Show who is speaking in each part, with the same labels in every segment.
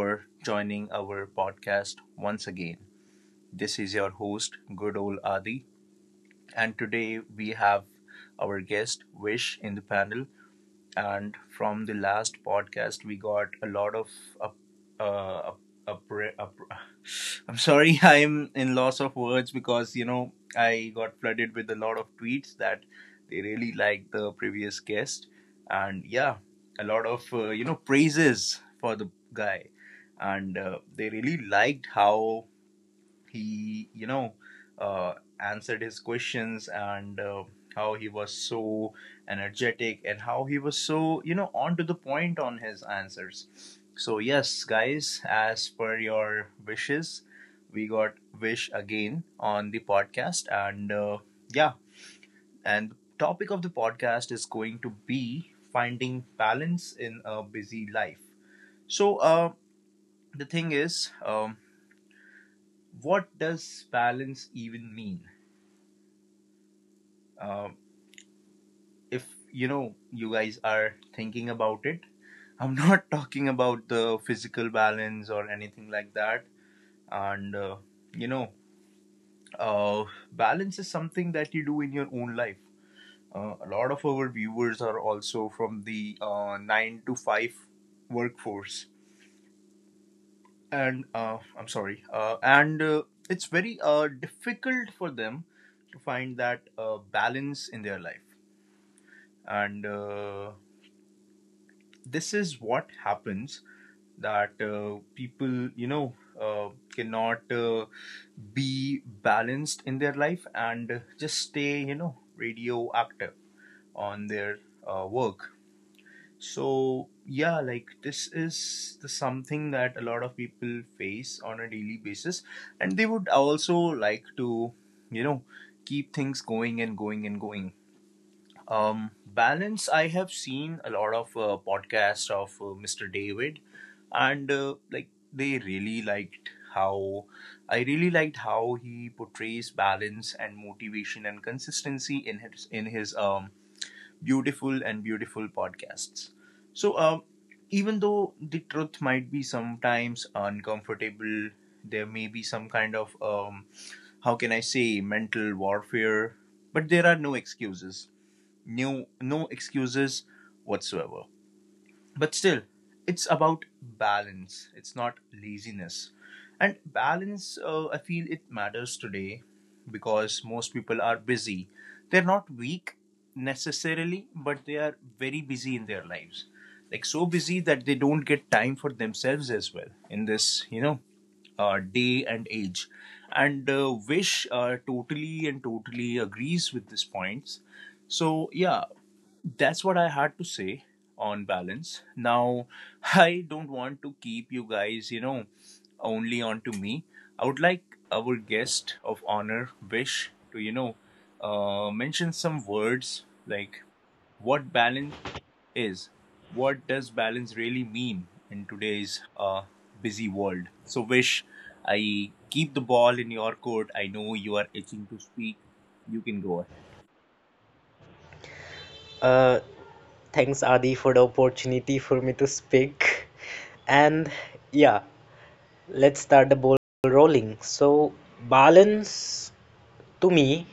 Speaker 1: for joining our podcast once again. This is your host, good old Adi, and today we have our guest Vish in the panel. And from the last podcast, we got a lot of up, uh, up, upra- up- I'm sorry, I'm in loss of words because I got flooded with a lot of tweets that they really liked the previous guest, and yeah, a lot of praises for the guy, and they really liked how he uh, answered his questions, and how he was so energetic, and how he was so on to the point on his answers. So yes, guys, as per your wishes, we got Wish again on the podcast. And yeah, and the topic of the podcast is going to be finding balance in a busy life. So the thing is, what does balance even mean, uh, if you guys are thinking about it? I'm not talking about the physical balance or anything like that. And you know uh, balance is something that you do in your own life. A lot of our viewers are also from the 9 to 5 workforce, and I'm sorry, and it's very difficult for them to find that balance in their life. And this is what happens: that people uh, cannot be balanced in their life and just stay radioactive on their work. So yeah, like, this is the something that a lot of people face on a daily basis, and they would also like to you know keep things going and going and going. Balance. I have seen a lot of podcasts of Mr. David, and like, they really liked how I really liked how he portrays balance and motivation and consistency in his beautiful podcasts. So even though the truth might be sometimes uncomfortable, there may be some kind of, how can I say, mental warfare, but there are no excuses, no, no excuses whatsoever. But still, it's about balance. It's not laziness. And balance, I feel, it matters today because most people are busy. They're not weak necessarily, but they are very busy in their lives, like so busy that they don't get time for themselves as well in this day and age. And Wish totally agrees with this points. So yeah, that's what I had to say on balance. Now, I don't want to keep you guys, only on to me. I would like our guest of honor, Vish, to, mention some words, like, what balance is, what does balance really mean in today's busy world. So, Vish, I keep the ball in your court. I know you are itching to speak. You can go ahead.
Speaker 2: Uh, Thanks, Adi, for the opportunity for me to speak. And yeah, let's start the ball rolling. So, balance to me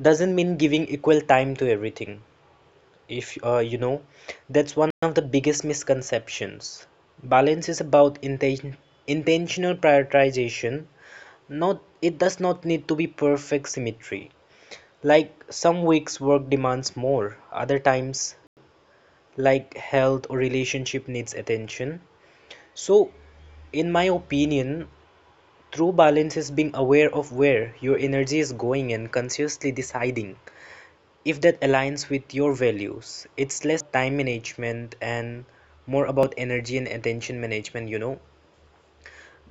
Speaker 2: doesn't mean giving equal time to everything. If that's one of the biggest misconceptions. Balance is about intentional prioritization, not — it does not need to be perfect symmetry. Like, some weeks work demands more, other times like health or relationship needs attention. So in my opinion, true balance is being aware of where your energy is going and consciously deciding if that aligns with your values. It's less time management and more about energy and attention management.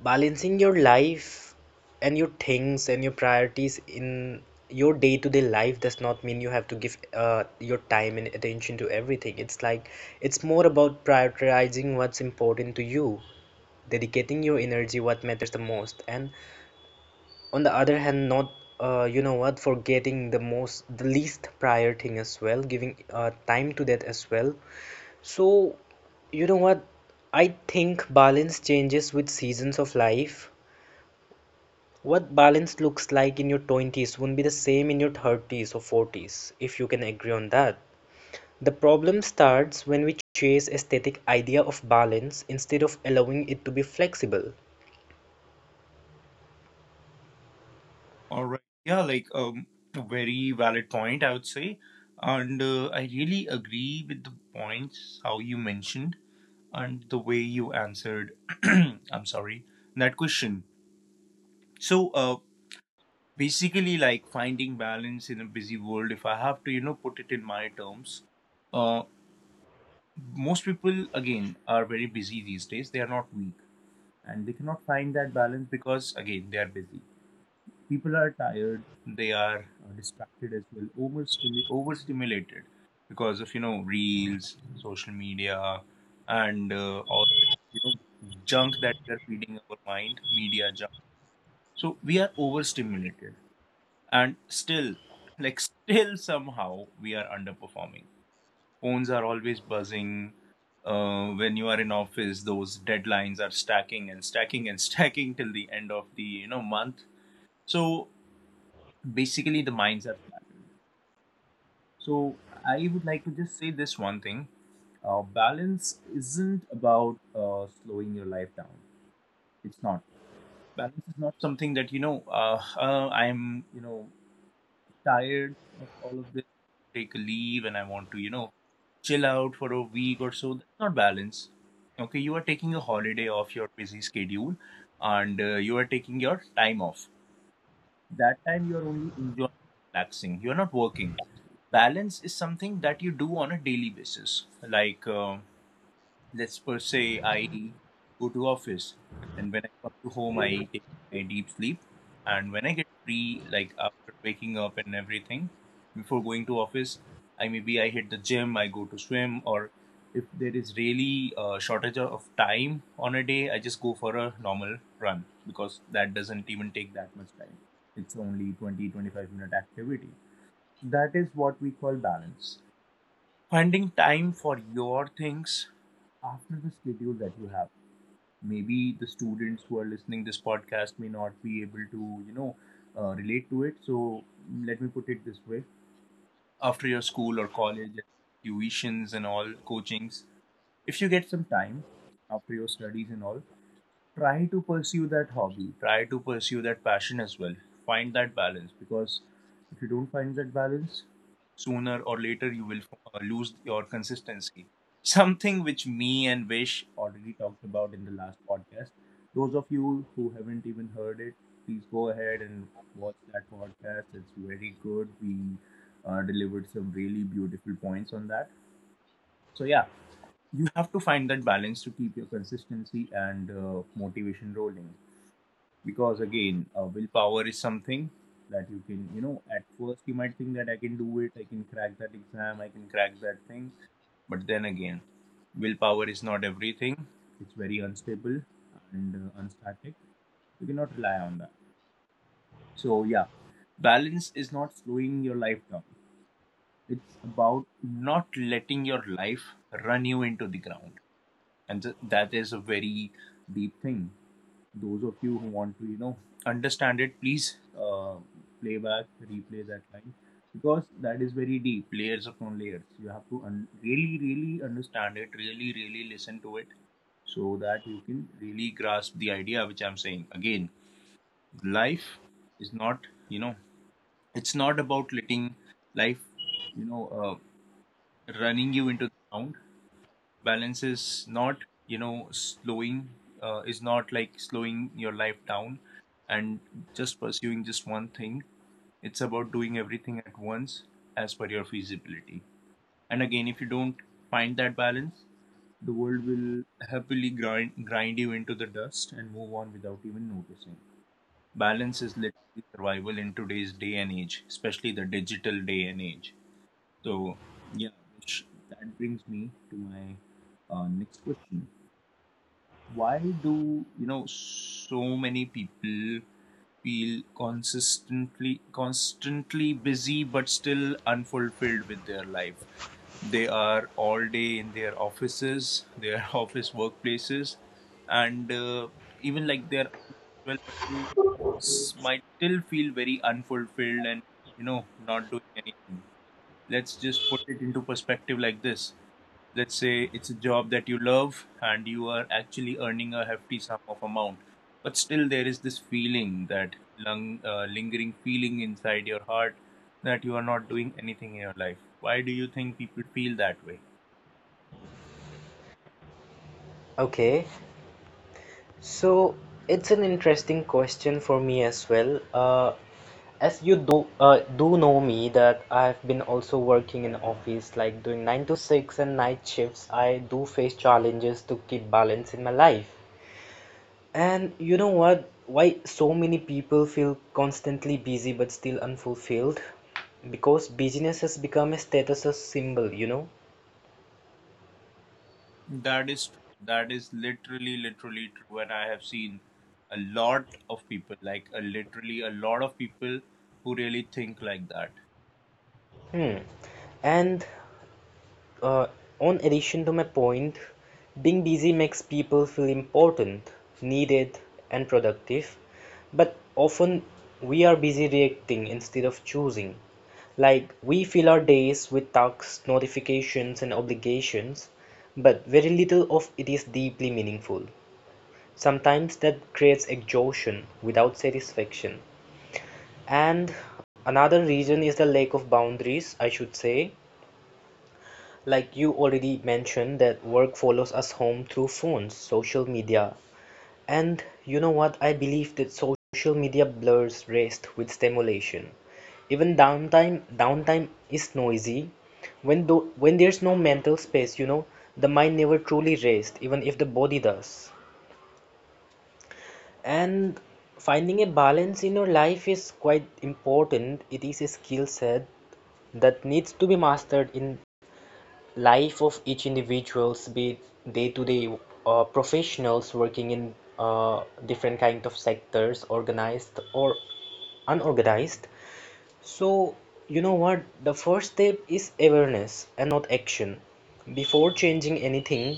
Speaker 2: Balancing your life and your things and your priorities in your day-to-day life does not mean you have to give your time and attention to everything. It's like, it's more about prioritizing what's important to you, dedicating your energy what matters the most, and on the other hand, not you know what, forgetting the most the least prior thing as well, giving time to that as well. So you know what, I think balance changes with seasons of life. What balance looks like in your 20s won't be the same in your 30s or 40s, if you can agree on that. The problem starts when we chase aesthetic idea of balance instead of allowing it to be flexible.
Speaker 1: All right. Yeah, like, a very valid point, I would say. And I really agree with the points how you mentioned, and the way you answered. I'm sorry, that question. So, basically, like, finding balance in a busy world, if I have to, put it in my terms, uh, most people, again, are very busy these days. They are not weak, and they cannot find that balance because, again, they are busy. People are tired. They are distracted as well, overstimulated because of reels, social media, and all the you know junk that we are feeding our mind, media junk. So we are overstimulated, and still, like, still somehow we are underperforming. Phones are always buzzing when you are in office. Those deadlines are stacking and stacking and stacking till the end of the month. So basically, the minds are scattered. So I would like to just say this one thing: balance isn't about slowing your life down. It's not, balance is not something that I'm tired of all of this, take a leave, and I want to chill out for a week or so. That's not balance. Okay, you are taking a holiday off your busy schedule, and you are taking your time off. That time you are only enjoying, relaxing, you are not working. Balance is something that you do on a daily basis. Like, let's, per se, I go to office, and when I come to home, I take a deep sleep, and when I get free, like, after waking up and everything, before going to office, I maybe I hit the gym, I go to swim, or if there is really a shortage of time on a day, I just go for a normal run because that doesn't even take that much time. It's only 20-25 minute activity. That is what we call balance. Finding time for your things after the schedule that you have. Maybe the students who are listening this podcast may not be able to, relate to it. So let me put it this way: after your school or college, tuitions and all coachings, if you get some time after your studies and all, try to pursue that hobby, try to pursue that passion as well, find that balance. Because if you don't find that balance, sooner or later you will lose your consistency, something which me and Vish already talked about in the last podcast. Those of you who haven't even heard it, please go ahead and watch that podcast. It's very good. We delivered some really beautiful points on that. So yeah, you have to find that balance to keep your consistency and motivation rolling. Because again, willpower is something that you can, at first you might think that I can do it, I can crack that exam, I can crack that thing, but then again, willpower is not everything. It's very unstable and unstatic. You cannot rely on that. So yeah, balance is not slowing your life down. It's about not letting your life run you into the ground. And that is a very deep thing. Those of you who want to understand it, please play back replay that line, because that is very deep. Layers upon layers you have to really really understand it, really really listen to it, so that you can really grasp the idea which I'm saying. Again, life is not, you know it's not about letting life, you know uh, running you into the ground. Balance you know slowing is not, like, slowing your life down and just pursuing just one thing. It's about doing everything at once as per your feasibility. And again, if you don't find that balance, the world will happily grind you into the dust and move on without even noticing. Balance is literally survival in today's day and age, especially the digital day and age. So, yeah, which that brings me to my next question: why do, so many people feel consistently constantly busy but still unfulfilled with their life? They are all day in their offices, their office workplaces, and even like they're earning as well, but might still feel very unfulfilled and, not doing anything. Let's just put it into perspective like this. Let's say it's a job that you love, and you are actually earning a hefty sum of amount, but still there is this feeling, that lingering feeling inside your heart, that you are not doing anything in your life. Why do you think people feel that way?
Speaker 2: Okay, so it's an interesting question for me as well. As you do know me, that I've been also working in office like doing 9 to 6 and night shifts, I do face challenges to keep balance in my life. And you know what? Why so many people feel constantly busy but still unfulfilled? Because busyness has become a status symbol, you know?
Speaker 1: That is true. That is literally literally true. And I have seen a lot of people, like, a literally a lot of people who really think like that.
Speaker 2: Hmm. And Uh, on addition to my point, being busy makes people feel important, needed, and productive, but often we are busy reacting instead of choosing. Like, we fill our days with tasks, notifications, and obligations, but very little of it is deeply meaningful. Sometimes that creates exhaustion without satisfaction. And another reason is the lack of boundaries, I should say. Like, you already mentioned that work follows us home through phones, social media, and you know what? I believe that social media blurs rest with stimulation. Even downtime is noisy. When there's no mental space, the mind never truly rests, even if the body does. And finding a balance in your life is quite important. It is a skill set that needs to be mastered in life of each individuals, be they to day professionals working in different kind of sectors, organized or unorganized. So you know what, the first step is awareness and not action. Before changing anything,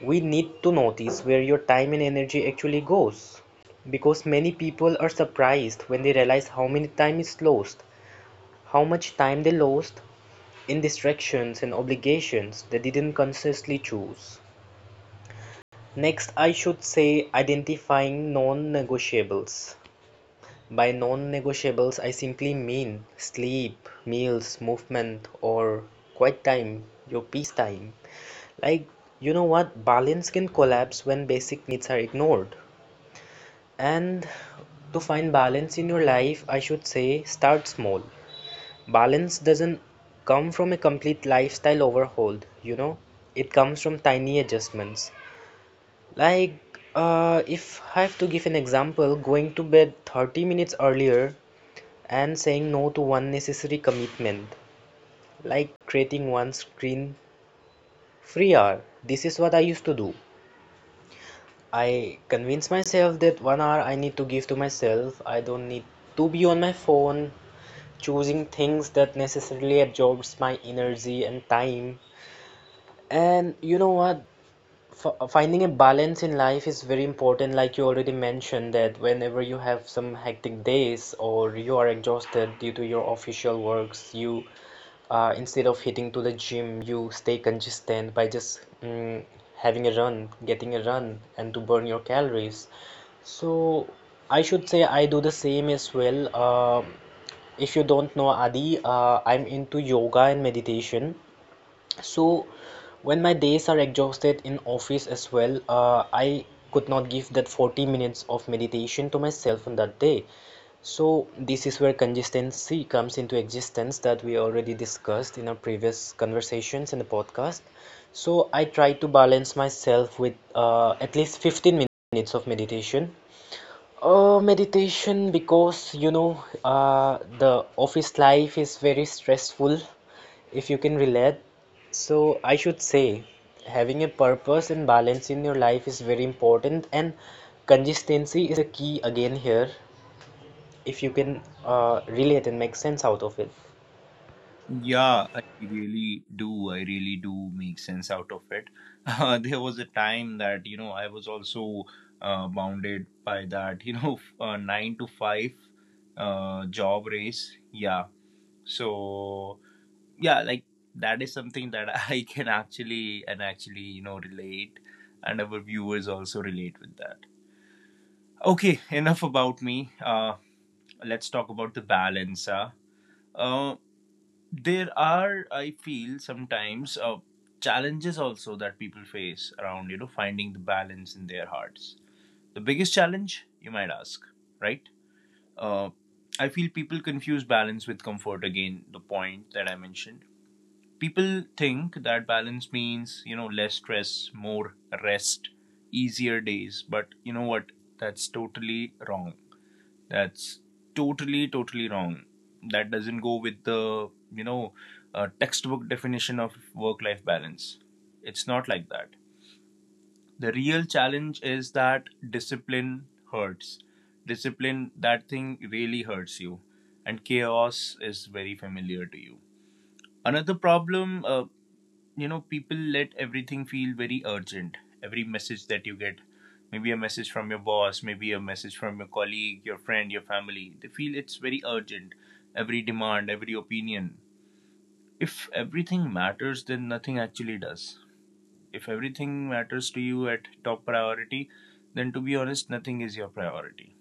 Speaker 2: we need to notice where your time and energy actually goes, because many people are surprised when they realize how many time is lost, how much time they lost in distractions and obligations they didn't consciously choose. Next, I should say, identifying non negotiables. By non negotiables, I simply mean sleep, meals, movement, or quiet time, your peace time. Like, you know what? Balance can collapse when basic needs are ignored. And to find balance in your life, I should say, start small. Balance doesn't come from a complete lifestyle overhaul, it comes from tiny adjustments. Like, if I have to give an example, going to bed 30 minutes earlier and saying no to one necessary commitment, like creating one screen free hour. This is what I used to do. I convince myself that one hour I need to give to myself. I don't need to be on my phone choosing things that necessarily absorbs my energy and time. And you know what? Finding a balance in life is very important, like you already mentioned, that whenever you have some hectic days or you are exhausted due to your official works, you instead of hitting to the gym, you stay consistent by just having a run, getting a run, and to burn your calories. So I should say I do the same as well. If you don't know, Adi, I'm into yoga and meditation. So when my days are exhausted in office as well, I could not give that 40 minutes of meditation to myself on that day. So this is where consistency comes into existence that we already discussed in our previous conversations in the podcast. So I try to balance myself with at least 15 minutes of meditation because the office life is very stressful, if you can relate. So I should say, having a purpose and balance in your life is very important, and consistency is the key again here, if you can relate and make sense out of it.
Speaker 1: Yeah, I really do. I really do make sense out of it. There was a time that, I was also bounded by that, you know, 9 to 5 job race. Yeah. So, yeah, like, that is something that I can actually, relate. And our viewers also relate with that. Okay, enough about me. Let's talk about the balance. Huh? Uh, there are, I feel, sometimes challenges also that people face around finding the balance in their hearts. The biggest challenge, you might ask, right? uh, I feel people confuse balance with comfort. Again, the point that I mentioned, people think that balance means less stress, more rest, easier days. But you know what? That's totally wrong. That's totally, totally wrong. That doesn't go with the, textbook definition of work life balance. It's not like that. The real challenge is that discipline hurts. Discipline, that thing really hurts you. And chaos is very familiar to you. Another problem, people let everything feel very urgent. Every message that you get, maybe a message from your boss, maybe a message from your colleague, your friend, your family, they feel it's very urgent. Every demand, every opinion. If everything matters, then nothing actually does. If everything matters to you at top priority, then to be honest, nothing is your priority.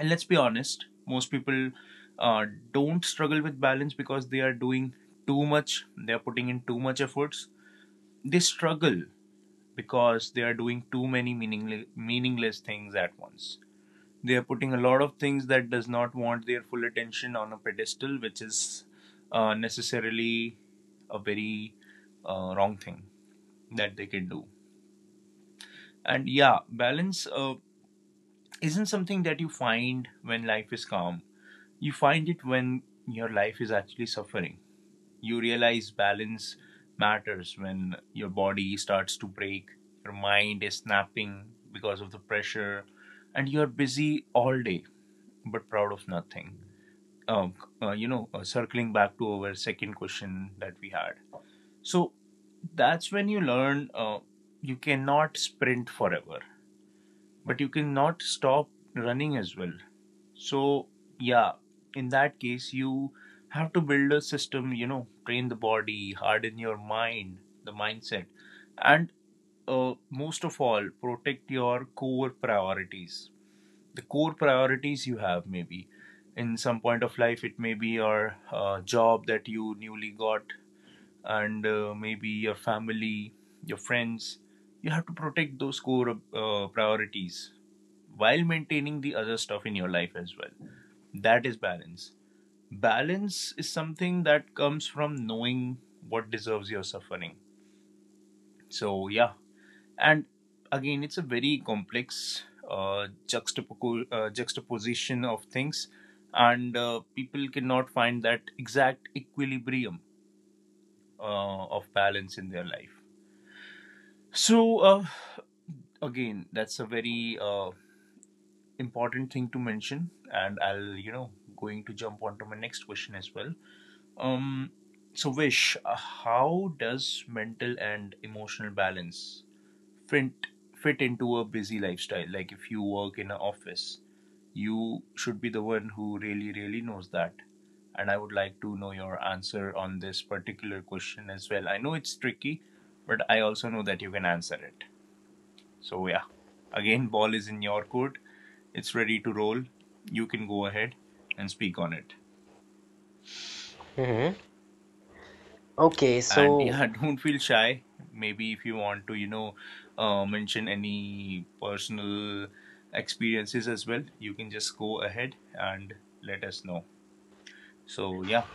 Speaker 1: And let's be honest, most people uh, don't struggle with balance because they are doing too much. They are putting in too much efforts. They struggle because they are doing too many meaningless things at once. They are putting a lot of things that does not want their full attention on a pedestal, which is necessarily a very wrong thing that they can do. And yeah, balance isn't something that you find when life is calm. You find it when your life is actually suffering. You realize balance matters when your body starts to break, your mind is snapping because of the pressure, and you're busy all day but proud of nothing. Um, Circling back to our second question that we had. So that's when you learn you cannot sprint forever, but you cannot stop running as well. So, yeah, in that case, you have to build a system, you know, train the body, harden your mind, the mindset, and most of all, protect your core priorities. The core priorities you have, maybe in some point of life, it may be your job that you newly got, and maybe your family, your friends. You have to protect those core priorities while maintaining the other stuff in your life as well. That is balance. Balance is something that comes from knowing what deserves your suffering. So, yeah. And again, it's a very complex juxtaposition of things, and people cannot find that exact equilibrium uh, of balance in their life. So, again, that's a very important thing to mention, and I'll, you know, going to jump onto my next question as well. Um, so, Vish, how does mental and emotional balance fit fit into a busy lifestyle? Like, if you work in an office, you should be the one who really, really knows that. And I would like to know your answer on this particular question as well. I know it's tricky, but I also know that you can answer it. So yeah, again, ball is in your court. It's ready to roll. You can go ahead and speak on it.
Speaker 2: Hmm. Okay,
Speaker 1: And yeah, don't feel shy. Maybe if you want to, you know, mention any personal experiences as well, you can just go ahead and let us know. So yeah,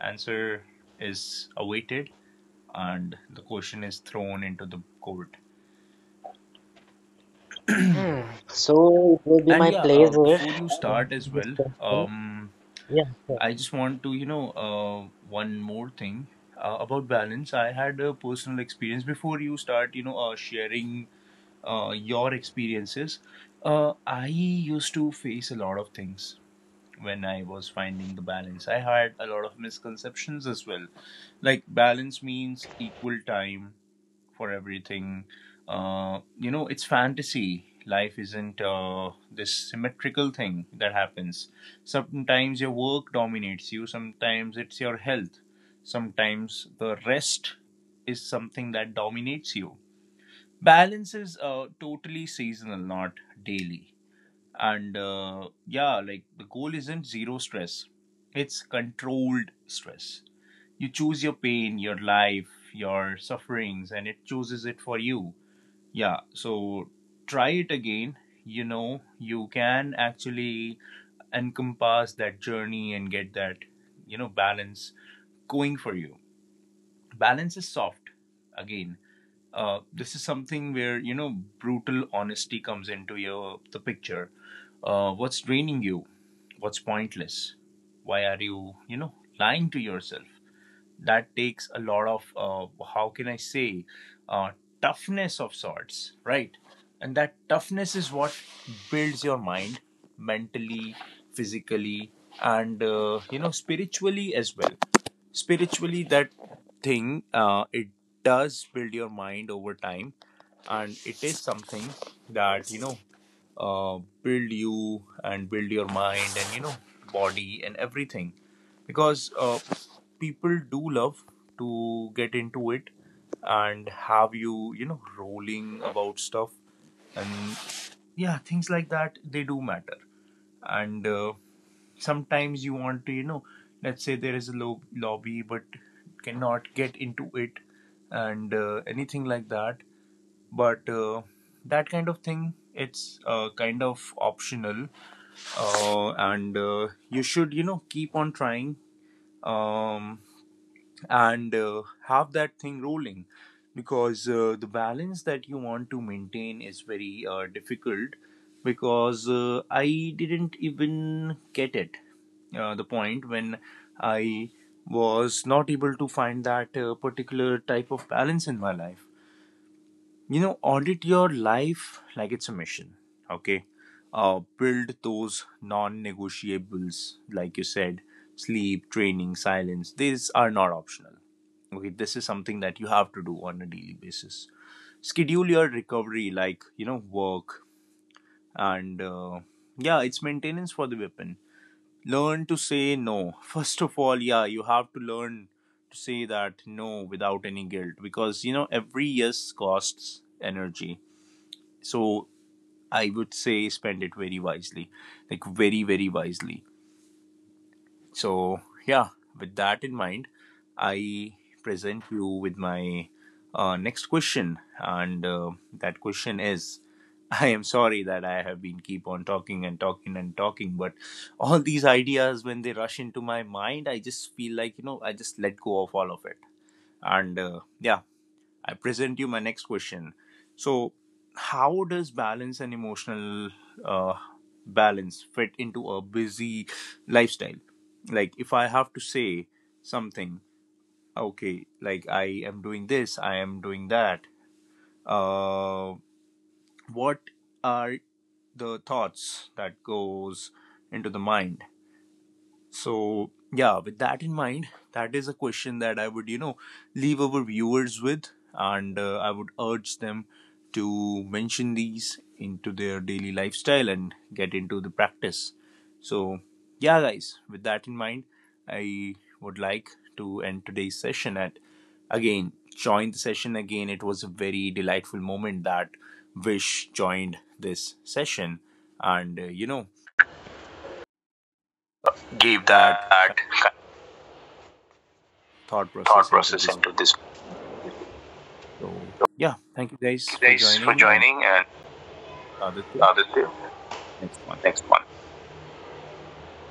Speaker 1: answer is awaited and the question is thrown into the court.
Speaker 2: hmm, so it will be
Speaker 1: And
Speaker 2: my
Speaker 1: yeah,
Speaker 2: pleasure
Speaker 1: before you
Speaker 2: to
Speaker 1: start
Speaker 2: answer
Speaker 1: as
Speaker 2: this
Speaker 1: well,
Speaker 2: question.
Speaker 1: um,
Speaker 2: Yeah, sure.
Speaker 1: I just want to, you know, one more thing about balance. I had a personal experience before you start, you know, sharing your experiences. I used to face a lot of things when I was finding the balance. I had a lot of misconceptions as well. Like, balance means equal time, for everything. You know, it's fantasy. Life isn't this symmetrical thing that happens. Sometimes your work dominates you, sometimes it's your health, sometimes the rest is something that dominates you. Balance is totally seasonal, not daily. And yeah, like the goal isn't zero stress, it's controlled stress. You choose your pain, your life, your sufferings, and it chooses it for you. Yeah, so try it again. You know, you can actually encompass that journey and get that, you know, balance going for you. Balance is soft. Again, this is something where, you know, brutal honesty comes into your the picture. What's draining you? What's pointless? Why are you, you know, lying to yourself? That takes a lot of how can I say uh, toughness of sorts, right? And that toughness is what builds your mind mentally, physically, and you know, spiritually as well. Spiritually, that thing it does build your mind over time, and it is something that, you know, build you and build your mind and, you know, body and everything. Because people do love to get into it and have you, you know, rolling about stuff, and yeah, things like that they do matter. And sometimes you want to, you know, let's say there is a lobby but cannot get into it, and anything like that. But that kind of thing, it's kind of optional, and you should, you know, keep on trying, um, and have that thing rolling, because the balance that you want to maintain is very difficult, because I didn't even get it the point when I was not able to find that particular type of balance in my life. You know, audit your life like it's a mission. Okay, build those non-negotiables, like you said, sleep, training, silence, these are not optional. Okay, this is something that you have to do on a daily basis. Schedule your recovery like, you know, work, and yeah, it's maintenance for the weapon. Learn to say no, first of all. Yeah, you have to learn to say that no without any guilt, because you know, every yes costs energy. So I would say spend it very wisely, like very, very wisely. So, yeah, with that in mind, I present you with my next question. And that question is, I am sorry that I have been keep on talking and talking and talking, but all these ideas, when they rush into my mind, I just feel like, you know, I just let go of all of it. And yeah, I present you my next question. So, how does balance and emotional uh, balance fit into a busy lifestyle? Like, if I have to say something, okay, like I am doing this, I am doing that. Uh, what are the thoughts that goes into the mind? So, yeah, with that in mind, that is a question that I would, you know, leave our viewers with, and I would urge them to mention these into their daily lifestyle and get into the practice. So, yeah, guys, with that in mind, I would like to end today's session at again, join the session again. It was a very delightful moment that Vish joined this session, and you know,
Speaker 2: Give
Speaker 1: gave that
Speaker 2: that
Speaker 1: thought
Speaker 2: thought
Speaker 1: process into
Speaker 2: process
Speaker 1: this.
Speaker 2: into this.
Speaker 1: So yeah, thank you guys
Speaker 2: Thank you
Speaker 1: for
Speaker 2: guys for
Speaker 1: joining. And
Speaker 2: joining, and
Speaker 1: Aditya,
Speaker 2: Aditya,
Speaker 1: next one.
Speaker 2: next one.